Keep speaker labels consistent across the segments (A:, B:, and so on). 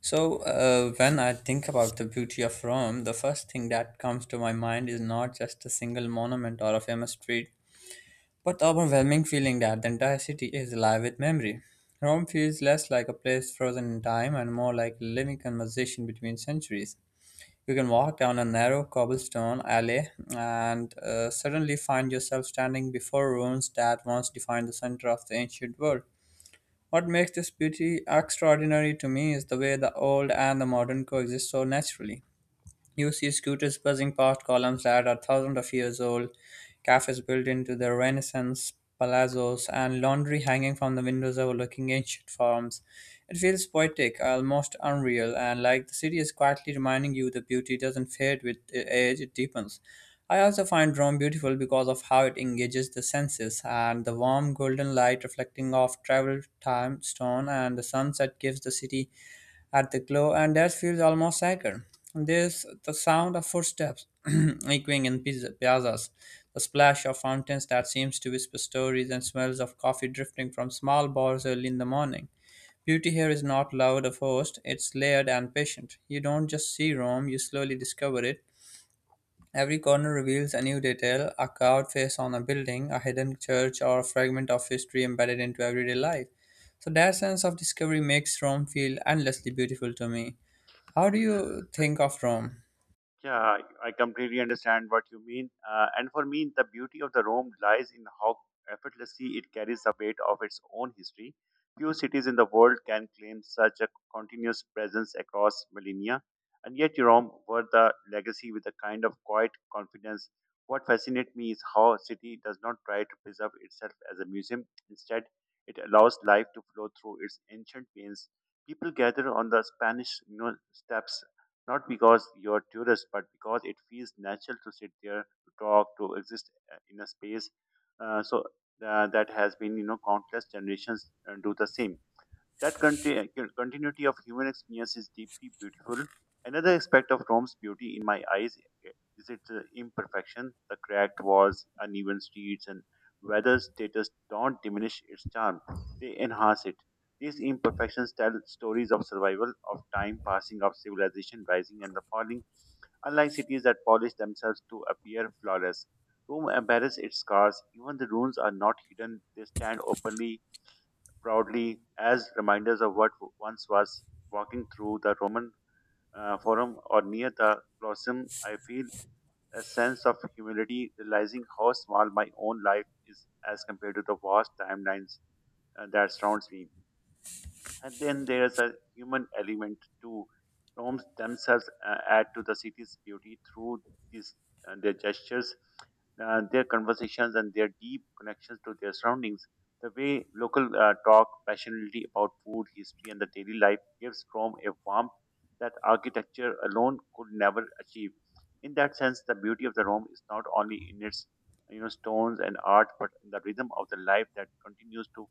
A: So when I think about the beauty of Rome, the first thing that comes to my mind is not just a single monument or a famous street, but the overwhelming feeling that the entire city is alive with memory. Rome feels less like a place frozen in time and more like a living conversation between centuries. You can walk down a narrow cobblestone alley and suddenly find yourself standing before ruins that once defined the center of the ancient world. What makes this beauty extraordinary to me is the way the old and the modern coexist so naturally. You see scooters buzzing past columns that are thousands of years old, cafes built into the Renaissance, palazzos, and laundry hanging from the windows overlooking ancient farms. It feels poetic, almost unreal, and like the city is quietly reminding you that beauty doesn't fade with age, it deepens. I also find Rome beautiful because of how it engages the senses, and the warm golden light reflecting off travel time stone and the sunset gives the city at the glow, and that feels almost sacred. There's the sound of footsteps echoing in piazzas, the splash of fountains that seems to whisper stories, and smells of coffee drifting from small bars early in the morning. Beauty here is not loud or forced, it's layered and patient. You don't just see Rome, you slowly discover it. Every corner reveals a new detail, a carved face on a building, a hidden church, or a fragment of history embedded into everyday life. So that sense of discovery makes Rome feel endlessly beautiful to me. How do you think of Rome?
B: Yeah, I completely understand what you mean. And for me, the beauty of the Rome lies in how effortlessly it carries the weight of its own history. Few cities in the world can claim such a continuous presence across millennia, and yet Rome wore the legacy with a kind of quiet confidence. What fascinates me is how a city does not try to preserve itself as a museum. Instead, it allows life to flow through its ancient veins. People gather on the Spanish steps not because you're a tourist, but because it feels natural to sit there, to talk, to exist in a space. So that has been, countless generations do the same. That continuity of human experience is deeply beautiful. Another aspect of Rome's beauty, in my eyes, eh, is its imperfection. The cracked walls, uneven streets, and weather status don't diminish its charm, they enhance it. These imperfections tell stories of survival, of time passing, of civilization rising and the falling, unlike cities that polish themselves to appear flawless. Rome embarrasses its scars, even the ruins are not hidden, they stand openly proudly as reminders of what once was. Walking through the Roman Forum or near the Colosseum, I feel a sense of humility, realizing how small my own life is as compared to the vast timelines that surrounds me. And then there's a human element too. Rome's themselves add to the city's beauty through these their gestures, their conversations, and their deep connections to their surroundings. The way local talk passionately about food, history, and the daily life gives Rome a warmth that architecture alone could never achieve. In that sense, the beauty of the Rome is not only in its stones and art, but in the rhythm of the life that continues to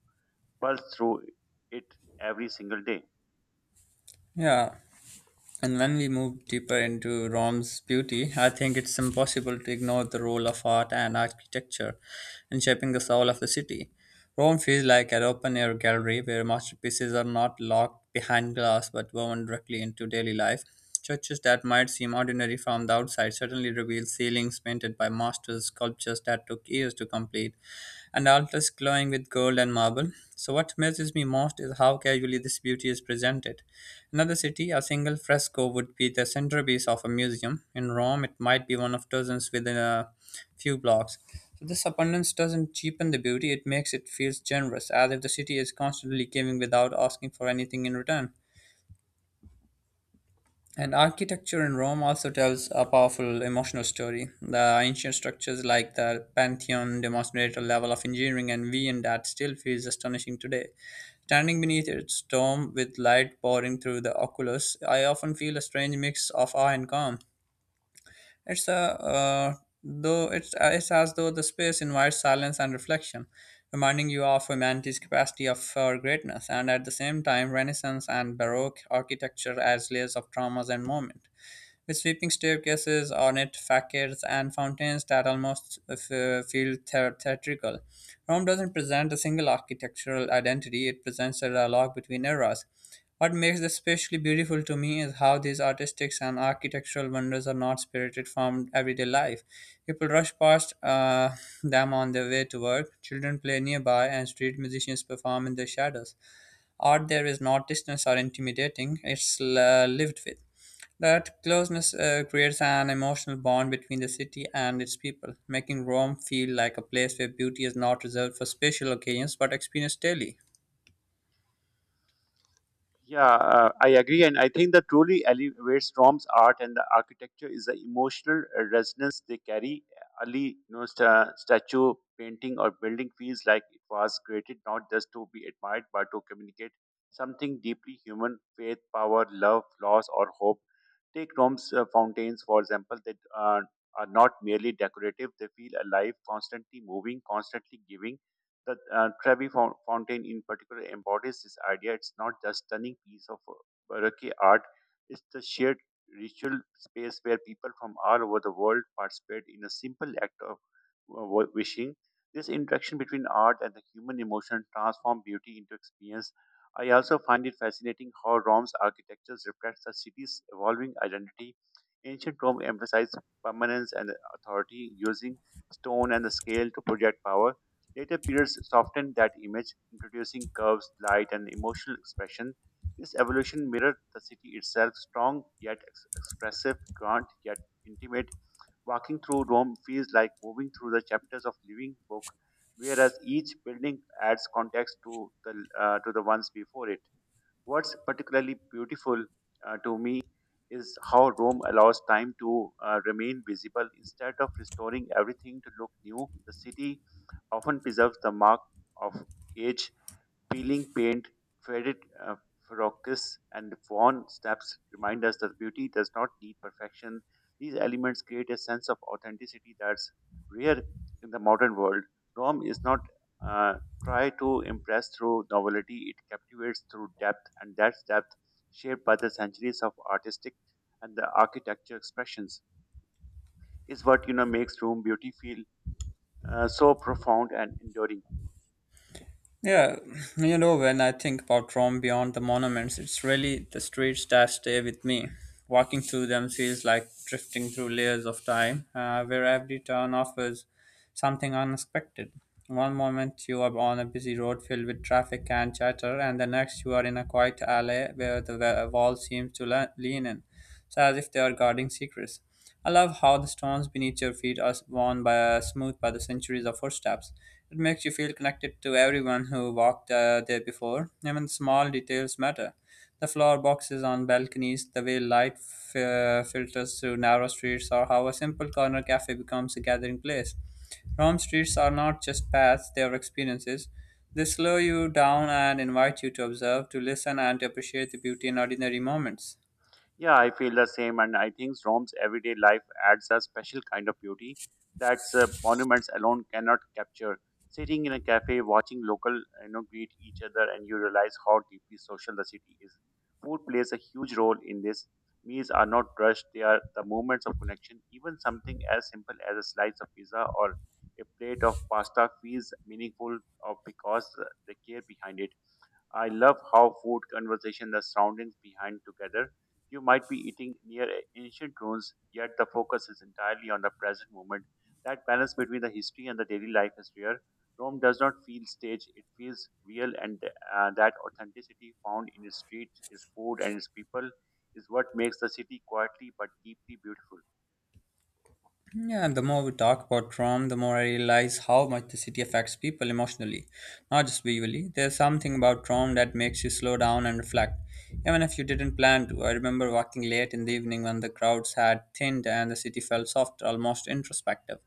B: pulse through it every single day.
A: Yeah, and when we move deeper into Rome's beauty, I think it's impossible to ignore the role of art and architecture in shaping the soul of the city. Rome feels like an open air gallery where masterpieces are not locked behind glass but woven directly into daily life. Churches that might seem ordinary from the outside suddenly reveal ceilings painted by masters, sculptures that took years to complete, and altars glowing with gold and marble. So, what amazes me most is how casually this beauty is presented. Another city, a single fresco would be the centerpiece of a museum. In Rome, it might be one of dozens within a few blocks. So this abundance doesn't cheapen the beauty, it makes it feel generous, as if the city is constantly giving without asking for anything in return. And architecture in Rome also tells a powerful emotional story. The ancient structures like the Pantheon demonstrate a level of engineering and vision that still feels astonishing today. Standing beneath its dome with light pouring through the oculus, I often feel a strange mix of awe and calm. It's a uh, it's as though the space invites silence and reflection, reminding you of humanity's capacity of for greatness, and at the same time, Renaissance and Baroque architecture as layers of traumas and moment with sweeping staircases, ornate facades, and fountains that almost feel theatrical. Rome doesn't present a single architectural identity, it presents a dialogue between eras. What makes this especially beautiful to me is how these artistic and architectural wonders are not spirited from everyday life. People rush past them on their way to work, children play nearby, and street musicians perform in their shadows. Art there is not distant or intimidating, it's lived with. That closeness creates an emotional bond between the city and its people, making Rome feel like a place where beauty is not reserved for special occasions but experienced daily.
B: Yeah, I agree, and I think that truly elevates Rom's art and the architecture is the emotional resonance they carry. Ali, you know, statue, painting, or building feels like it was created not just to be admired but to communicate something deeply human: faith, power, love, loss, or hope. Take Rom's fountains, for example. They uh, are not merely decorative; they feel alive, constantly moving, constantly giving. The Trevi Fountain, in particular, embodies this idea. It's not just stunning piece of Baroque art; it's the shared ritual space where people from all over the world participate in a simple act of wishing. This interaction between art and the human emotion transforms beauty into experience. I also find it fascinating how Rome's architecture reflects the city's evolving identity. Ancient Rome emphasized permanence and authority, using stone and the scale to project power. Later periods softened that image, introducing curves, light, and emotional expression. This evolution mirrored the city itself, strong yet expressive, grand yet intimate. Walking through Rome feels like moving through the chapters of living book, whereas each building adds context to the ones before it. What's particularly beautiful to me is how Rome allows time to remain visible instead of restoring everything to look new. The city often preserves the mark of age, peeling paint, faded uh, focus, and worn steps remind us that beauty does not need perfection. These elements create a sense of authenticity that's rare in the modern world. Rome is not uh, try to impress through novelty; it captivates through depth, and that's depth shaped by the centuries of artistic and the architecture expressions is what makes room beauty feel so profound and enduring.
A: Yeah, you know, when I think about Rome beyond the monuments, it's really the streets that stay with me. Walking through them feels like drifting through layers of time, where every turn offers something unexpected. One moment you are on a busy road filled with traffic and chatter, and the next you are in a quiet alley where the wall seems to lean in so as if they are guarding secrets. I love how the stones beneath your feet are worn by smooth by the centuries of footsteps. It makes you feel connected to everyone who walked there before. Even small details matter. The flower boxes on balconies, the way light filters through narrow streets, or how a simple corner cafe becomes a gathering place. Rome streets are not just paths, they are experiences. They slow you down and invite you to observe, to listen, and to appreciate the beauty in ordinary moments.
B: Yeah, I feel the same, and I think Rome's everyday life adds a special kind of beauty that monuments alone cannot capture. Sitting in a cafe, watching local, you know, greet each other, and you realize how deeply social the city is. Food plays a huge role in this. Meals are not rushed; they are the moments of connection. Even something as simple as a slice of pizza or a plate of pasta feels meaningful, because the care behind it. I love how food, conversation, the surroundings behind together. You might be eating near ancient ruins, yet the focus is entirely on the present moment. That balance between the history and the daily life is rare. Rome does not feel staged; it feels real, and that authenticity found in its streets, its food, and its people is what makes the city quietly but deeply beautiful.
A: Yeah, the more we talk about Trump, the more I realize how much the city affects people emotionally, not just visually. There's something about Trump that makes you slow down and reflect, even if you didn't plan to. I remember walking late in the evening when the crowds had thinned and the city felt softer, almost introspective.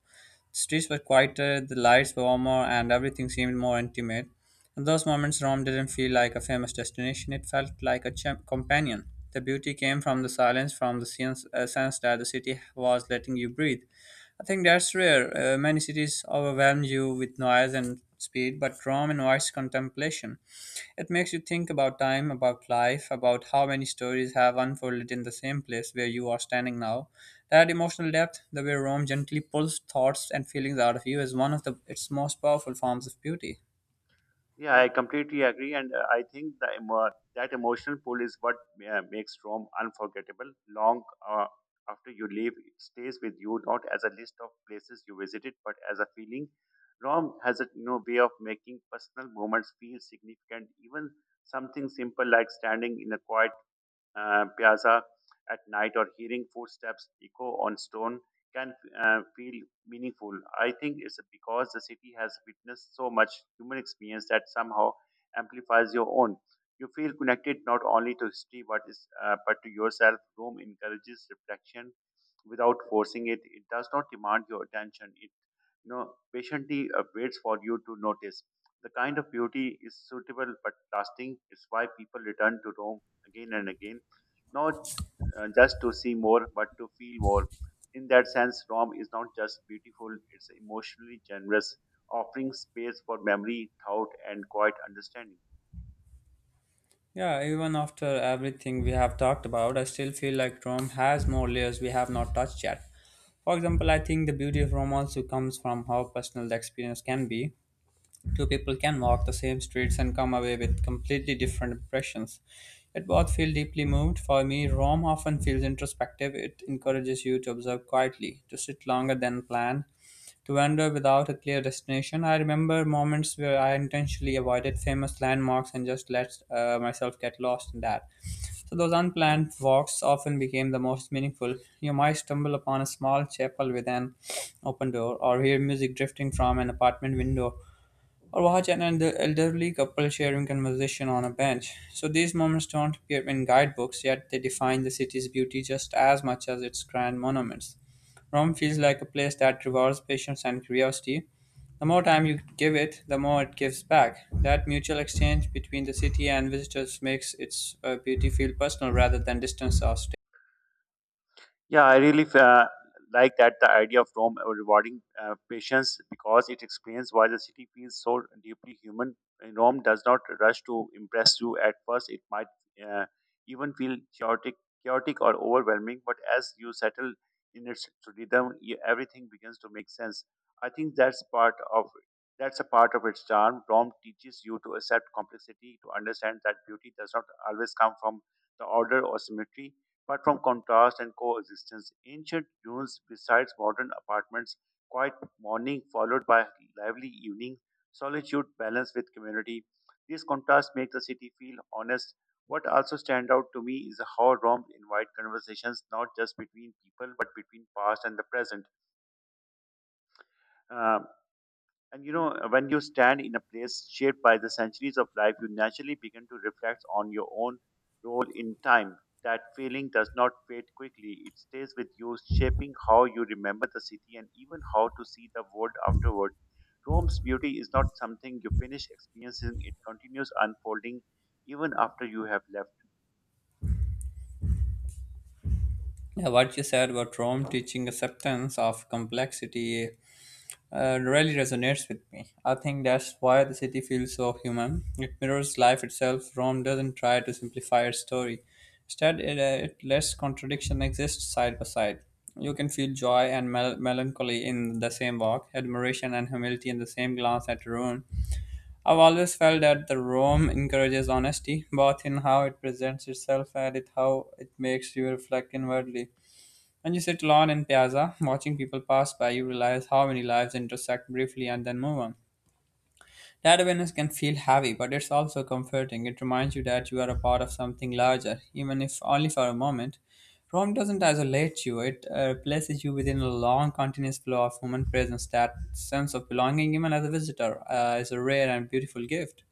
A: The streets were quieter, the lights were warmer, and everything seemed more intimate. In those moments, Rome didn't feel like a famous destination, it felt like a companion. The beauty came from the silence, from the sense that the city was letting you breathe. I think that's rare. Many cities overwhelm you with noise and speed, but Rome invites contemplation. It makes you think about time, about life, about how many stories have unfolded in the same place where you are standing now. That emotional depth, the way Rome gently pulls thoughts and feelings out of you, is one of the its most powerful forms of beauty.
B: Yeah, I completely agree, and I think that emotional pull is what makes Rome unforgettable. Long uh, after you leave, it stays with you not as a list of places you visited, but as a feeling. Rome has a way of making personal moments feel significant, even something simple like standing in a quiet piazza at night or hearing footsteps echo on stone can feel meaningful. I think it's because the city has witnessed so much human experience that somehow amplifies your own. You feel connected not only to history but is but to yourself. Rome encourages reflection without forcing it. It does not demand your attention. It patiently waits for you to notice. The kind of beauty is suitable but lasting. It's why people return to Rome again and again, not just to see more, but to feel more. In that sense, Rome is not just beautiful, it's emotionally generous, offering space for memory, thought, and quiet understanding.
A: Yeah, even after everything we have talked about, I still feel like Rome has more layers we have not touched yet. For example, I think the beauty of Rome also comes from how personal the experience can be. Two people can walk the same streets and come away with completely different impressions. Yet both feel deeply moved. For me, Rome often feels introspective. It encourages you to observe quietly, to sit longer than planned, to wander without a clear destination. I remember moments where I intentionally avoided famous landmarks and just let myself get lost in that. So those unplanned walks often became the most meaningful. You might stumble upon a small chapel with an open door, or hear music drifting from an apartment window, or watch an elderly couple sharing conversation on a bench. So these moments don't appear in guidebooks, yet they define the city's beauty just as much as its grand monuments. Rome feels like a place that rewards patience and curiosity. The more time you give it, the more it gives back. That mutual exchange between the city and visitors makes its beauty feel personal rather than distance or state.
B: Yeah, I really like that the idea of Rome rewarding patience because it explains why the city feels so deeply human. And Rome does not rush to impress you at first. It might uh, even feel chaotic or overwhelming, but as you settle in its rhythm, everything begins to make sense. I think that's a part of its charm. Rome teaches you to accept complexity, to understand that beauty does not always come from the order or symmetry but from contrast and coexistence, ancient dunes besides modern apartments, quiet morning followed by lively evening, solitude balanced with community. These contrasts make the city feel honest. What also stand out to me is how Rome invites conversations not just between people but between past and the present. Um, when you stand in a place shaped by the centuries of life, you naturally begin to reflect on your own role in time. That feeling does not fade quickly, it stays with you, shaping how you remember the city and even how to see the world afterward. Rome's beauty is not something you finish experiencing, it continues unfolding even after you have left.
A: Yeah, what you said about Rome teaching acceptance of complexity really resonates with me. I think that's why the city feels so human. It mirrors life itself. Rome doesn't try to simplify its story. Instead, it lets contradiction exist side by side. You can feel joy and melancholy in the same walk, admiration and humility in the same glance at ruin. I've always felt that the Rome encourages honesty, both in how it presents itself and it how it makes you reflect inwardly. When you sit alone in Piazza, watching people pass by, you realize how many lives intersect briefly and then move on. That awareness can feel heavy, but it's also comforting. It reminds you that you are a part of something larger, even if only for a moment. Rome doesn't isolate you, it places you within a long, continuous flow of human presence. That sense of belonging, even as a visitor, is a rare and beautiful gift.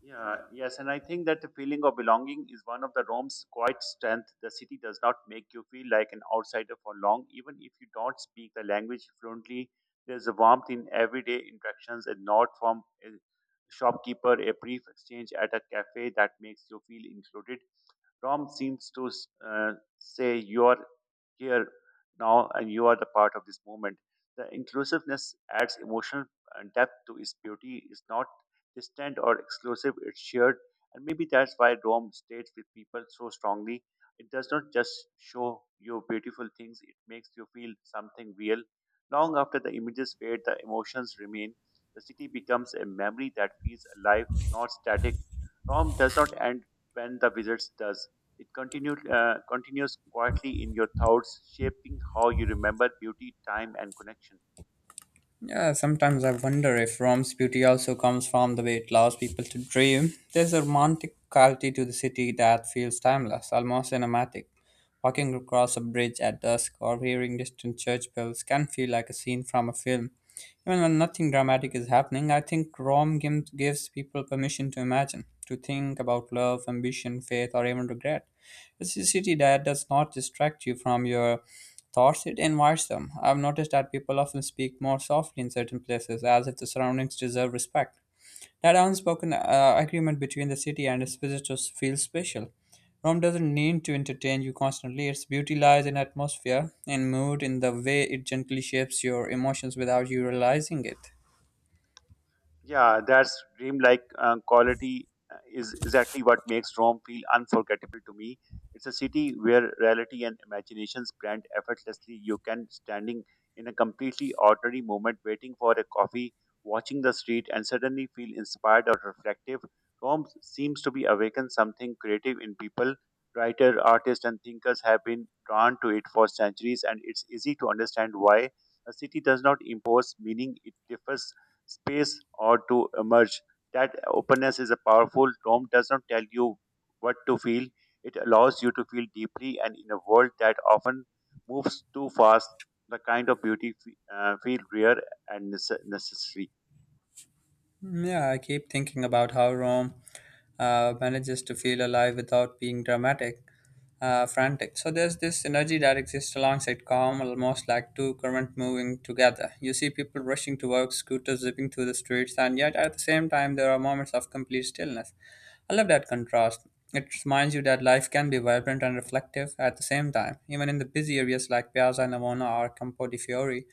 B: Yeah, yes, and I think that the feeling of belonging is one of the Rome's quiet strength. The city does not make you feel like an outsider for long, even if you don't speak the language fluently. There's a warmth in everyday interactions, a nod from a shopkeeper, a brief exchange at a cafe that makes you feel included. Rome seems to uh, say you're here now and you are the part of this movement. The inclusiveness adds emotional depth to its beauty. It's not distant or exclusive, it's shared. And maybe that's why Rome stays with people so strongly. It does not just show you beautiful things, it makes you feel something real. Long after the images fade, the emotions remain. The city becomes a memory that feels alive, not static. Rome does not end when the visits does. It continues quietly in your thoughts, shaping how you remember beauty, time, and connection.
A: Yeah, sometimes I wonder if Rome's beauty also comes from the way it allows people to dream. There's a romantic quality to the city that feels timeless, almost cinematic. Walking across a bridge at dusk or hearing distant church bells can feel like a scene from a film. Even when nothing dramatic is happening, I think Rome gives people permission to imagine, to think about love, ambition, faith, or even regret. It's city that does not distract you from your thoughts, it invites them. I've noticed that people often speak more softly in certain places, as if the surroundings deserve respect. That unspoken agreement between the city and its visitors feels special. Rome doesn't need to entertain you constantly. Its beauty lies in atmosphere, in mood, in the way it gently shapes your emotions without you realizing it.
B: Yeah, that's dreamlike quality is exactly what makes Rome feel unforgettable to me. It's a city where reality and imaginations blend effortlessly. You can standing in a completely ordinary moment, waiting for a coffee, watching the street, and suddenly feel inspired or reflective. Rome seems to be awakened something creative in people. Writer, artists, and thinkers have been drawn to it for centuries, and it's easy to understand why. A city does not impose meaning; it differs space or to emerge. That openness is a powerful. Rome does not tell you what to feel, it allows you to feel deeply, and in a world that often moves too fast, the kind of beauty feel rare and necessary.
A: Yeah, I keep thinking about how Rome manages to feel alive without being dramatic, frantic. So there's this energy that exists alongside calm, almost like two currents moving together. You see people rushing to work, scooters zipping through the streets, and yet at the same time, there are moments of complete stillness. I love that contrast. It reminds you that life can be vibrant and reflective at the same time. Even in the busy areas like Piazza Navona or Campo di Fiori,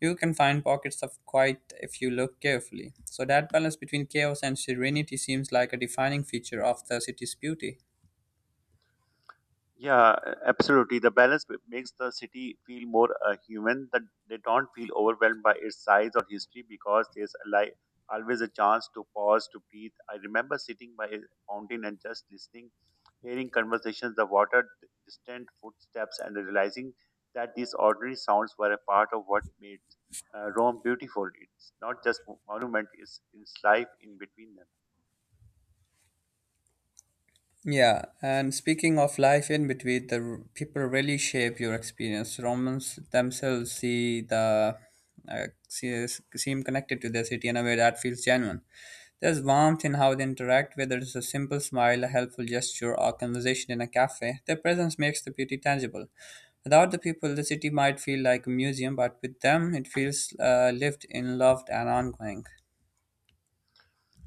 A: you can find pockets of quiet if you look carefully. So, that balance between chaos and serenity seems like a defining feature of the city's beauty.
B: Yeah, absolutely. The balance makes the city feel more human. That they don't feel overwhelmed by its size or history because there's always a chance to pause to breathe. I remember sitting by a fountain and just listening, hearing conversations, the water, distant footsteps, and realizing that these ordinary sounds were a part of what made Rome beautiful. It's not just monument; it's its life in between them.
A: Yeah, and speaking of life in between, people really shape your experience. Romans themselves uh, see, seem connected to their city in a way that feels genuine. There's warmth in how they interact, whether it's a simple smile, a helpful gesture, or conversation in a cafe. Their presence makes the beauty tangible. Without the people, the city might feel like a museum, but with them, it feels lived in, loved, and ongoing.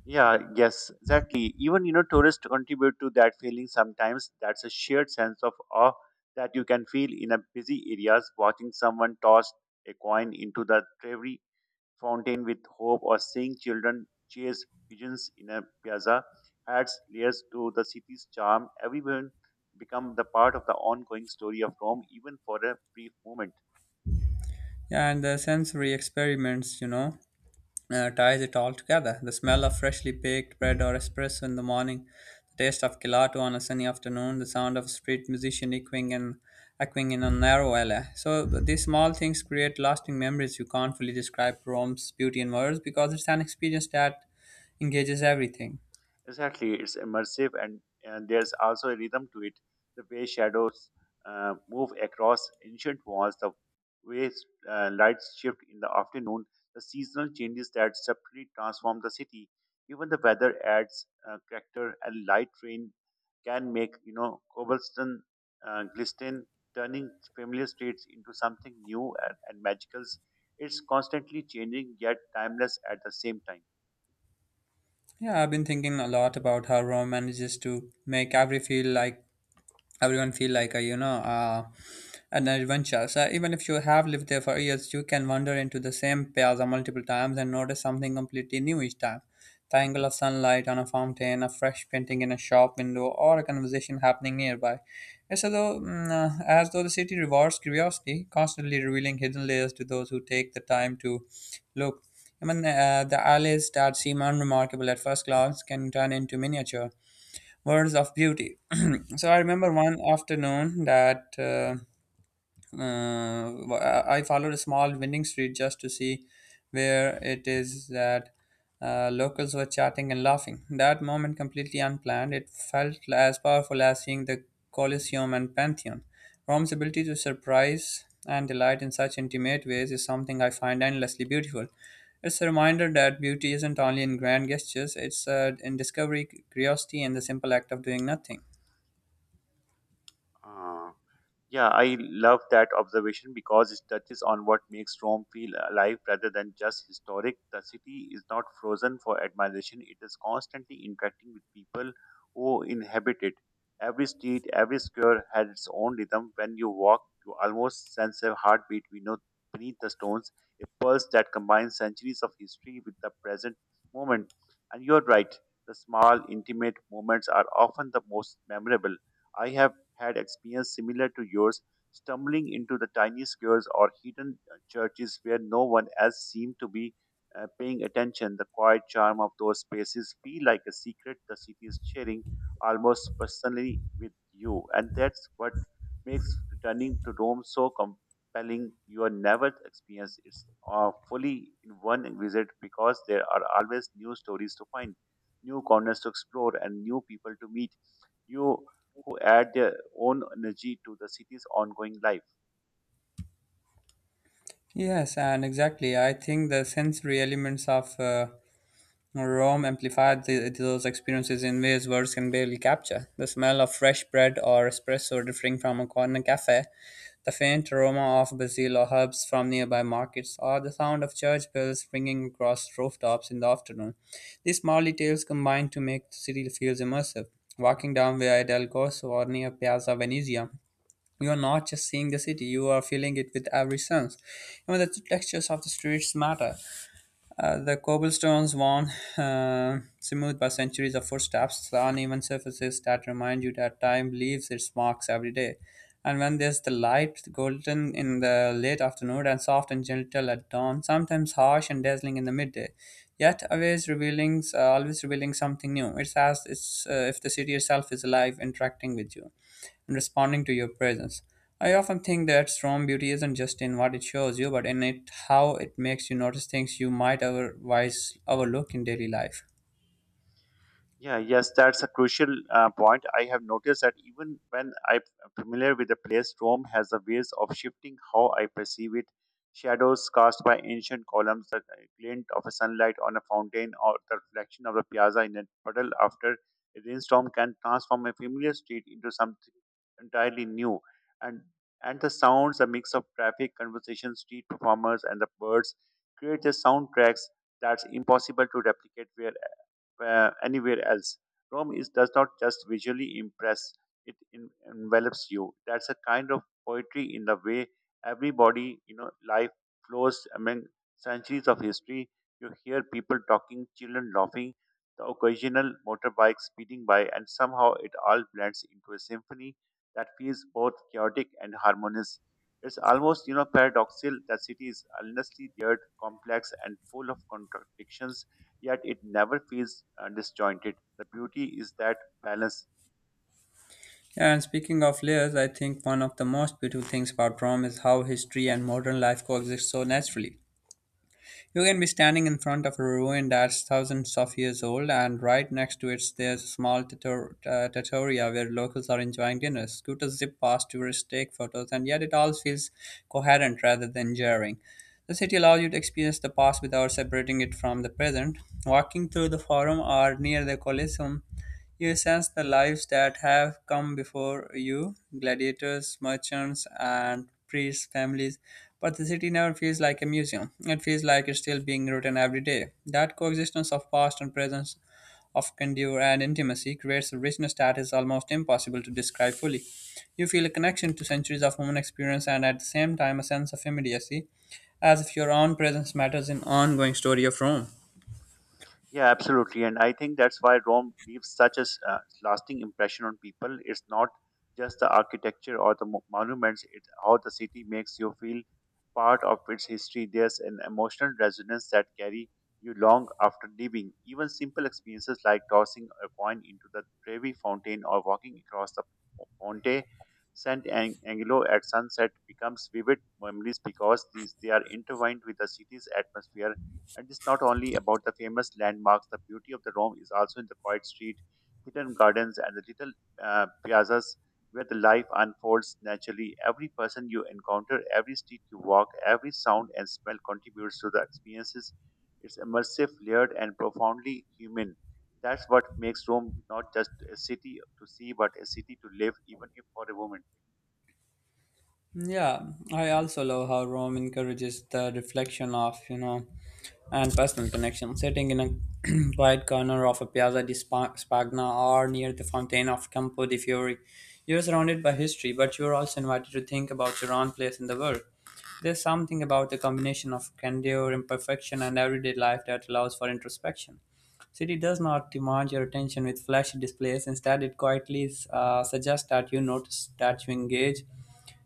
B: Yeah, yes, exactly. Even tourists contribute to that feeling sometimes. That's a shared sense of awe that you can feel in a busy areas, watching someone toss a coin into the Trevi fountain with hope, or seeing children chase pigeons in a piazza. Adds layers to the city's charm. Everyone become the part of the ongoing story of Rome, even for a brief moment.
A: Yeah, and the sensory experiments ties it all together. The smell of freshly baked bread or espresso in the morning, the taste of gelato on a sunny afternoon, the sound of a street musician echoing in a narrow alley. So these small things create lasting memories. You can't fully describe Rome's beauty in words because it's an experience that engages everything.
B: Exactly, it's immersive and there's also a rhythm to it. The way shadows move across ancient walls, the way lights shift in the afternoon, the seasonal changes that subtly transform the city. Even the weather adds character. A light rain can make cobblestone glisten, turning familiar streets into something new and magical. It's constantly changing yet timeless at the same
A: Yeah, I've been thinking a lot about how Rome manages to make everyone feel like a an adventure. So even if you have lived there for years, you can wander into the same plaza multiple times and notice something completely new each time, the angle of sunlight on a fountain, a fresh painting in a shop window, or a conversation happening nearby. It's as though the city rewards curiosity, constantly revealing hidden layers to those who take the time to look. The alleys that seem unremarkable at first glance can turn into miniature words of beauty. So I remember one afternoon that I followed a small winning streak just to see where it is that locals were chatting and laughing. That moment, completely unplanned, it felt as powerful as seeing the Colosseum and Pantheon. Rome's ability to surprise and delight in such intimate ways is something I find endlessly beautiful. It's a reminder that beauty isn't only in grand gestures, it's in discovery, curiosity, and the simple act of doing nothing.
B: time. Yeah, I love that observation because it touches on what makes Rome feel alive rather than just historic. The city is not frozen for admiration, it is constantly interacting with people who inhabit it. Every street, every square has its own rhythm. When you walk, you almost sense a heartbeat beneath the stones, a pulse that combines centuries of history with the present moment. And you're right, the small, intimate moments are often the most memorable. I have had experience similar to yours, stumbling into the tiny squares or hidden churches where no one else seemed to be paying attention. The quiet charm of those spaces feel like a secret the city is sharing almost personally with you, and that's what makes returning to Rome so compelling. You are never experienced it fully in one visit because there are always new stories to find, new corners to explore, and new people to meet. You who add their own energy to the city's ongoing life.
A: Yes, and exactly. I think the sensory elements of Rome amplified those experiences in ways words can barely capture. The smell of fresh bread or espresso drifting from a corner cafe, the faint aroma of basil or herbs from nearby markets, or the sound of church bells ringing across rooftops in the afternoon. These small details combine to make the city feel immersive. Walking down Via del Corso or near Piazza Venezia, you are not just seeing the city, you are feeling it with every sense. Even the textures of the streets matter. The cobblestones, worn smooth by centuries of footsteps, the uneven surfaces that remind you that time leaves its marks every day. And when there's the light, golden in the late afternoon and soft and gentle at dawn, sometimes harsh and dazzling in the midday, yet always revealing something new. It's as if the city itself is alive, interacting with you and responding to your presence. I often think that strong beauty isn't just in what it shows you, but in it how it makes you notice things you might otherwise overlook in daily life.
B: Yeah, yes, that's a crucial point. I have noticed that even when I'm familiar with the place, Rome has a ways of shifting how I perceive it. Shadows cast by ancient columns, the glint of a sunlight on a fountain, or the reflection of a piazza in a puddle after a rainstorm can transform a familiar street into something entirely new. And and the sounds, a mix of traffic, conversation, street performers, and the birds create the soundtracks that's impossible to replicate where anywhere else. Rome is does not just visually impress; it envelops you. That's a kind of poetry in the way everybody, you know, life flows among centuries of history. You hear people talking, children laughing, the occasional motorbike speeding by, and somehow it all blends into a symphony that feels both chaotic and harmonious. It's almost, you know, paradoxical that city is endlessly layered, complex, and full of contradictions yet it never feels disjointed. The beauty is that balance.
A: Yeah, and speaking of layers, I think one of the most beautiful things about Rome is how history and modern life coexist so naturally. You can be standing in front of a ruin that's thousands of years old, and right next to it there's a small trattoria where locals are enjoying dinner. Scooters zip past tourists, take photos, and yet it all feels coherent rather than jarring. The city allows you to experience the past without separating it from the present. Walking through the forum or near the Colosseum, you sense the lives that have come before you, gladiators, merchants, and priests' families. But the city never feels like a museum, it feels like it's still being written every day. That coexistence of past and present, of candor and intimacy, creates a richness that is almost impossible to describe fully. You feel a connection to centuries of human experience and at the same time a sense of immediacy, as if your own presence matters in ongoing story of Rome.
B: Yeah, absolutely. And I think that's why Rome leaves such a lasting impression on people. It's not just the architecture or the monuments, it's how the city makes you feel part of its history. There's an emotional resonance that carry you long after leaving. Even simple experiences like tossing a coin into the Trevi fountain or walking across the Ponte Sant'Angelo at sunset becomes vivid memories because these they are intertwined with the city's atmosphere and it's not only about the famous landmarks, the beauty of the Rome is also in the quiet street, hidden gardens, and the little piazzas where the life unfolds naturally. Every person you encounter, every street you walk, every sound and smell contributes to the experiences. It's immersive, layered, and profoundly human. That's what makes Rome not just a city to see, but a city to live, even if for a woman.
A: Yeah, I also love how Rome encourages the reflection of, and personal connection. Sitting in a quiet corner of a Spagna or near the Fountain of Campo di Fiori, you're surrounded by history, but you're also invited to think about your own place in the world. There's something about the combination of candor, imperfection, and everyday life that allows for introspection. City does not demand your attention with flashy displays. Instead, it quietly suggests that you notice, that you engage,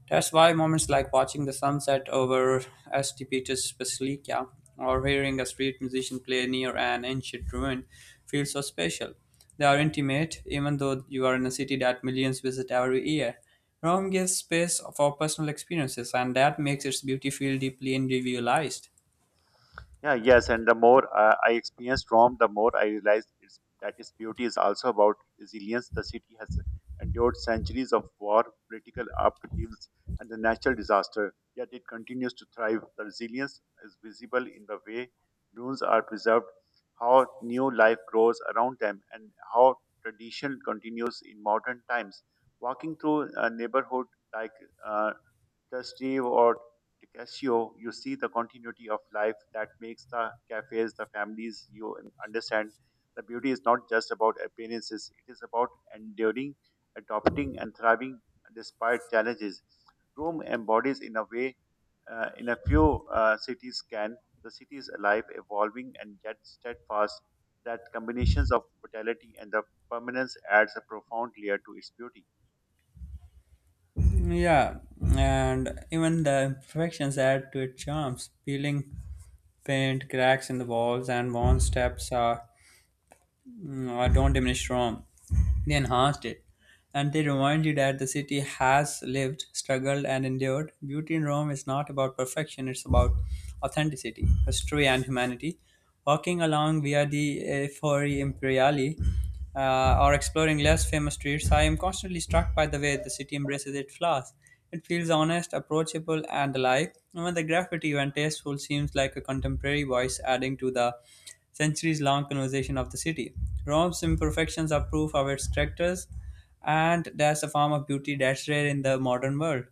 A: that's why moments like watching the sunset over St. Peter's Basilica or hearing a street musician play near an ancient ruin feel so special. They are intimate, even though you are in a city that millions visit every year. Rome gives space for personal experiences, and that makes its beauty feel deeply individualized.
B: Yeah, yes, and the more I experienced Rome, the more I realized it's, that its beauty is also about resilience. The city has endured centuries of war, political upheavals, and the natural disaster, yet it continues to thrive. The resilience is visible in the way ruins are preserved, how new life grows around them, and how tradition continues in modern times. Walking through a neighborhood like uh, Trastevere or Tecatito, you see the continuity of life that makes the cafes, the families you understand. The beauty is not just about appearances, it is about enduring, adopting, and thriving despite challenges. Rome embodies, in a way, in a few cities can. The city is alive, evolving, and yet steadfast. That combinations of brutality and the permanence adds a profound layer to its beauty.
A: Yeah, and even the imperfections add to its charms. Peeling paint, cracks in the walls, and worn steps are, no, I don't diminish Rome. They enhanced it. And they remind you that the city has lived, struggled, and endured. Beauty in Rome is not about perfection, it's about authenticity, history, and humanity. Walking along Via di Fori Imperiali or exploring less famous streets, I am constantly struck by the way the city embraces its flaws. It feels honest, approachable, and alive. Even the graffiti, when tasteful, seems like a contemporary voice adding to the centuries long conversation of the city. Rome's imperfections are proof of its characters, and that's a form of beauty that's rare in the modern world.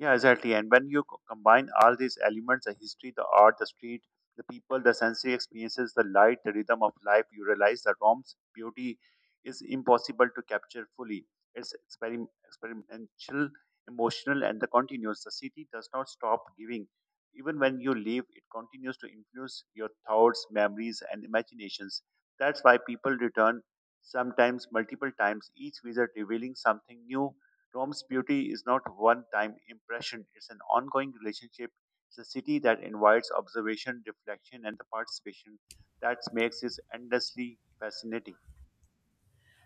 B: Yeah, exactly. And when you combine all these elements the history, the art, the street, the people, the sensory experiences, the light, the rhythm of life you realize that Rome's beauty is impossible to capture fully. It's experimental, emotional, and the continuous. The city does not stop giving. Even when you leave, it continues to influence your thoughts, memories, and imaginations. That's why people return sometimes multiple times, each visit revealing something new. Rome's beauty is not one time impression, it's an ongoing relationship. It's a city that invites observation, reflection, and the participation that makes it endlessly fascinating.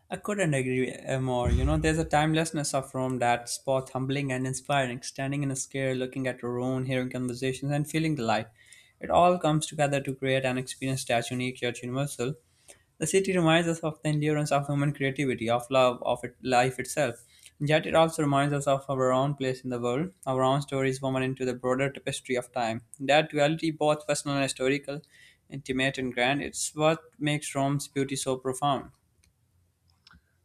A: I couldn't agree more. You know, there's a timelessness of Rome that's both humbling and inspiring. Standing in a square, looking at your own, hearing conversations, and feeling the light. It all comes together to create an experience that's unique yet universal. The city reminds us of the endurance of human creativity, of love, life itself. Yet it also reminds us of our own place in the world, our own stories woven into the broader tapestry of time. That duality, both personal and historical, intimate and grand, it's what makes Rome's beauty so profound.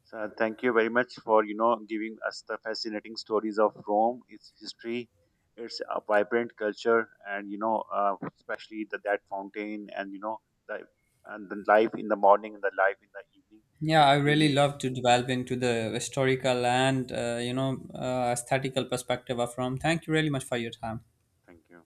B: So thank you very much for giving us the fascinating stories of Rome, its history, its vibrant culture, and especially the that fountain and the and the life in the morning and the life in the evening.
A: Yeah, I really
B: Really,
A: love to delve into the historical and you know aesthetical perspective of Rome. Thank you really much for your time.
B: thank you.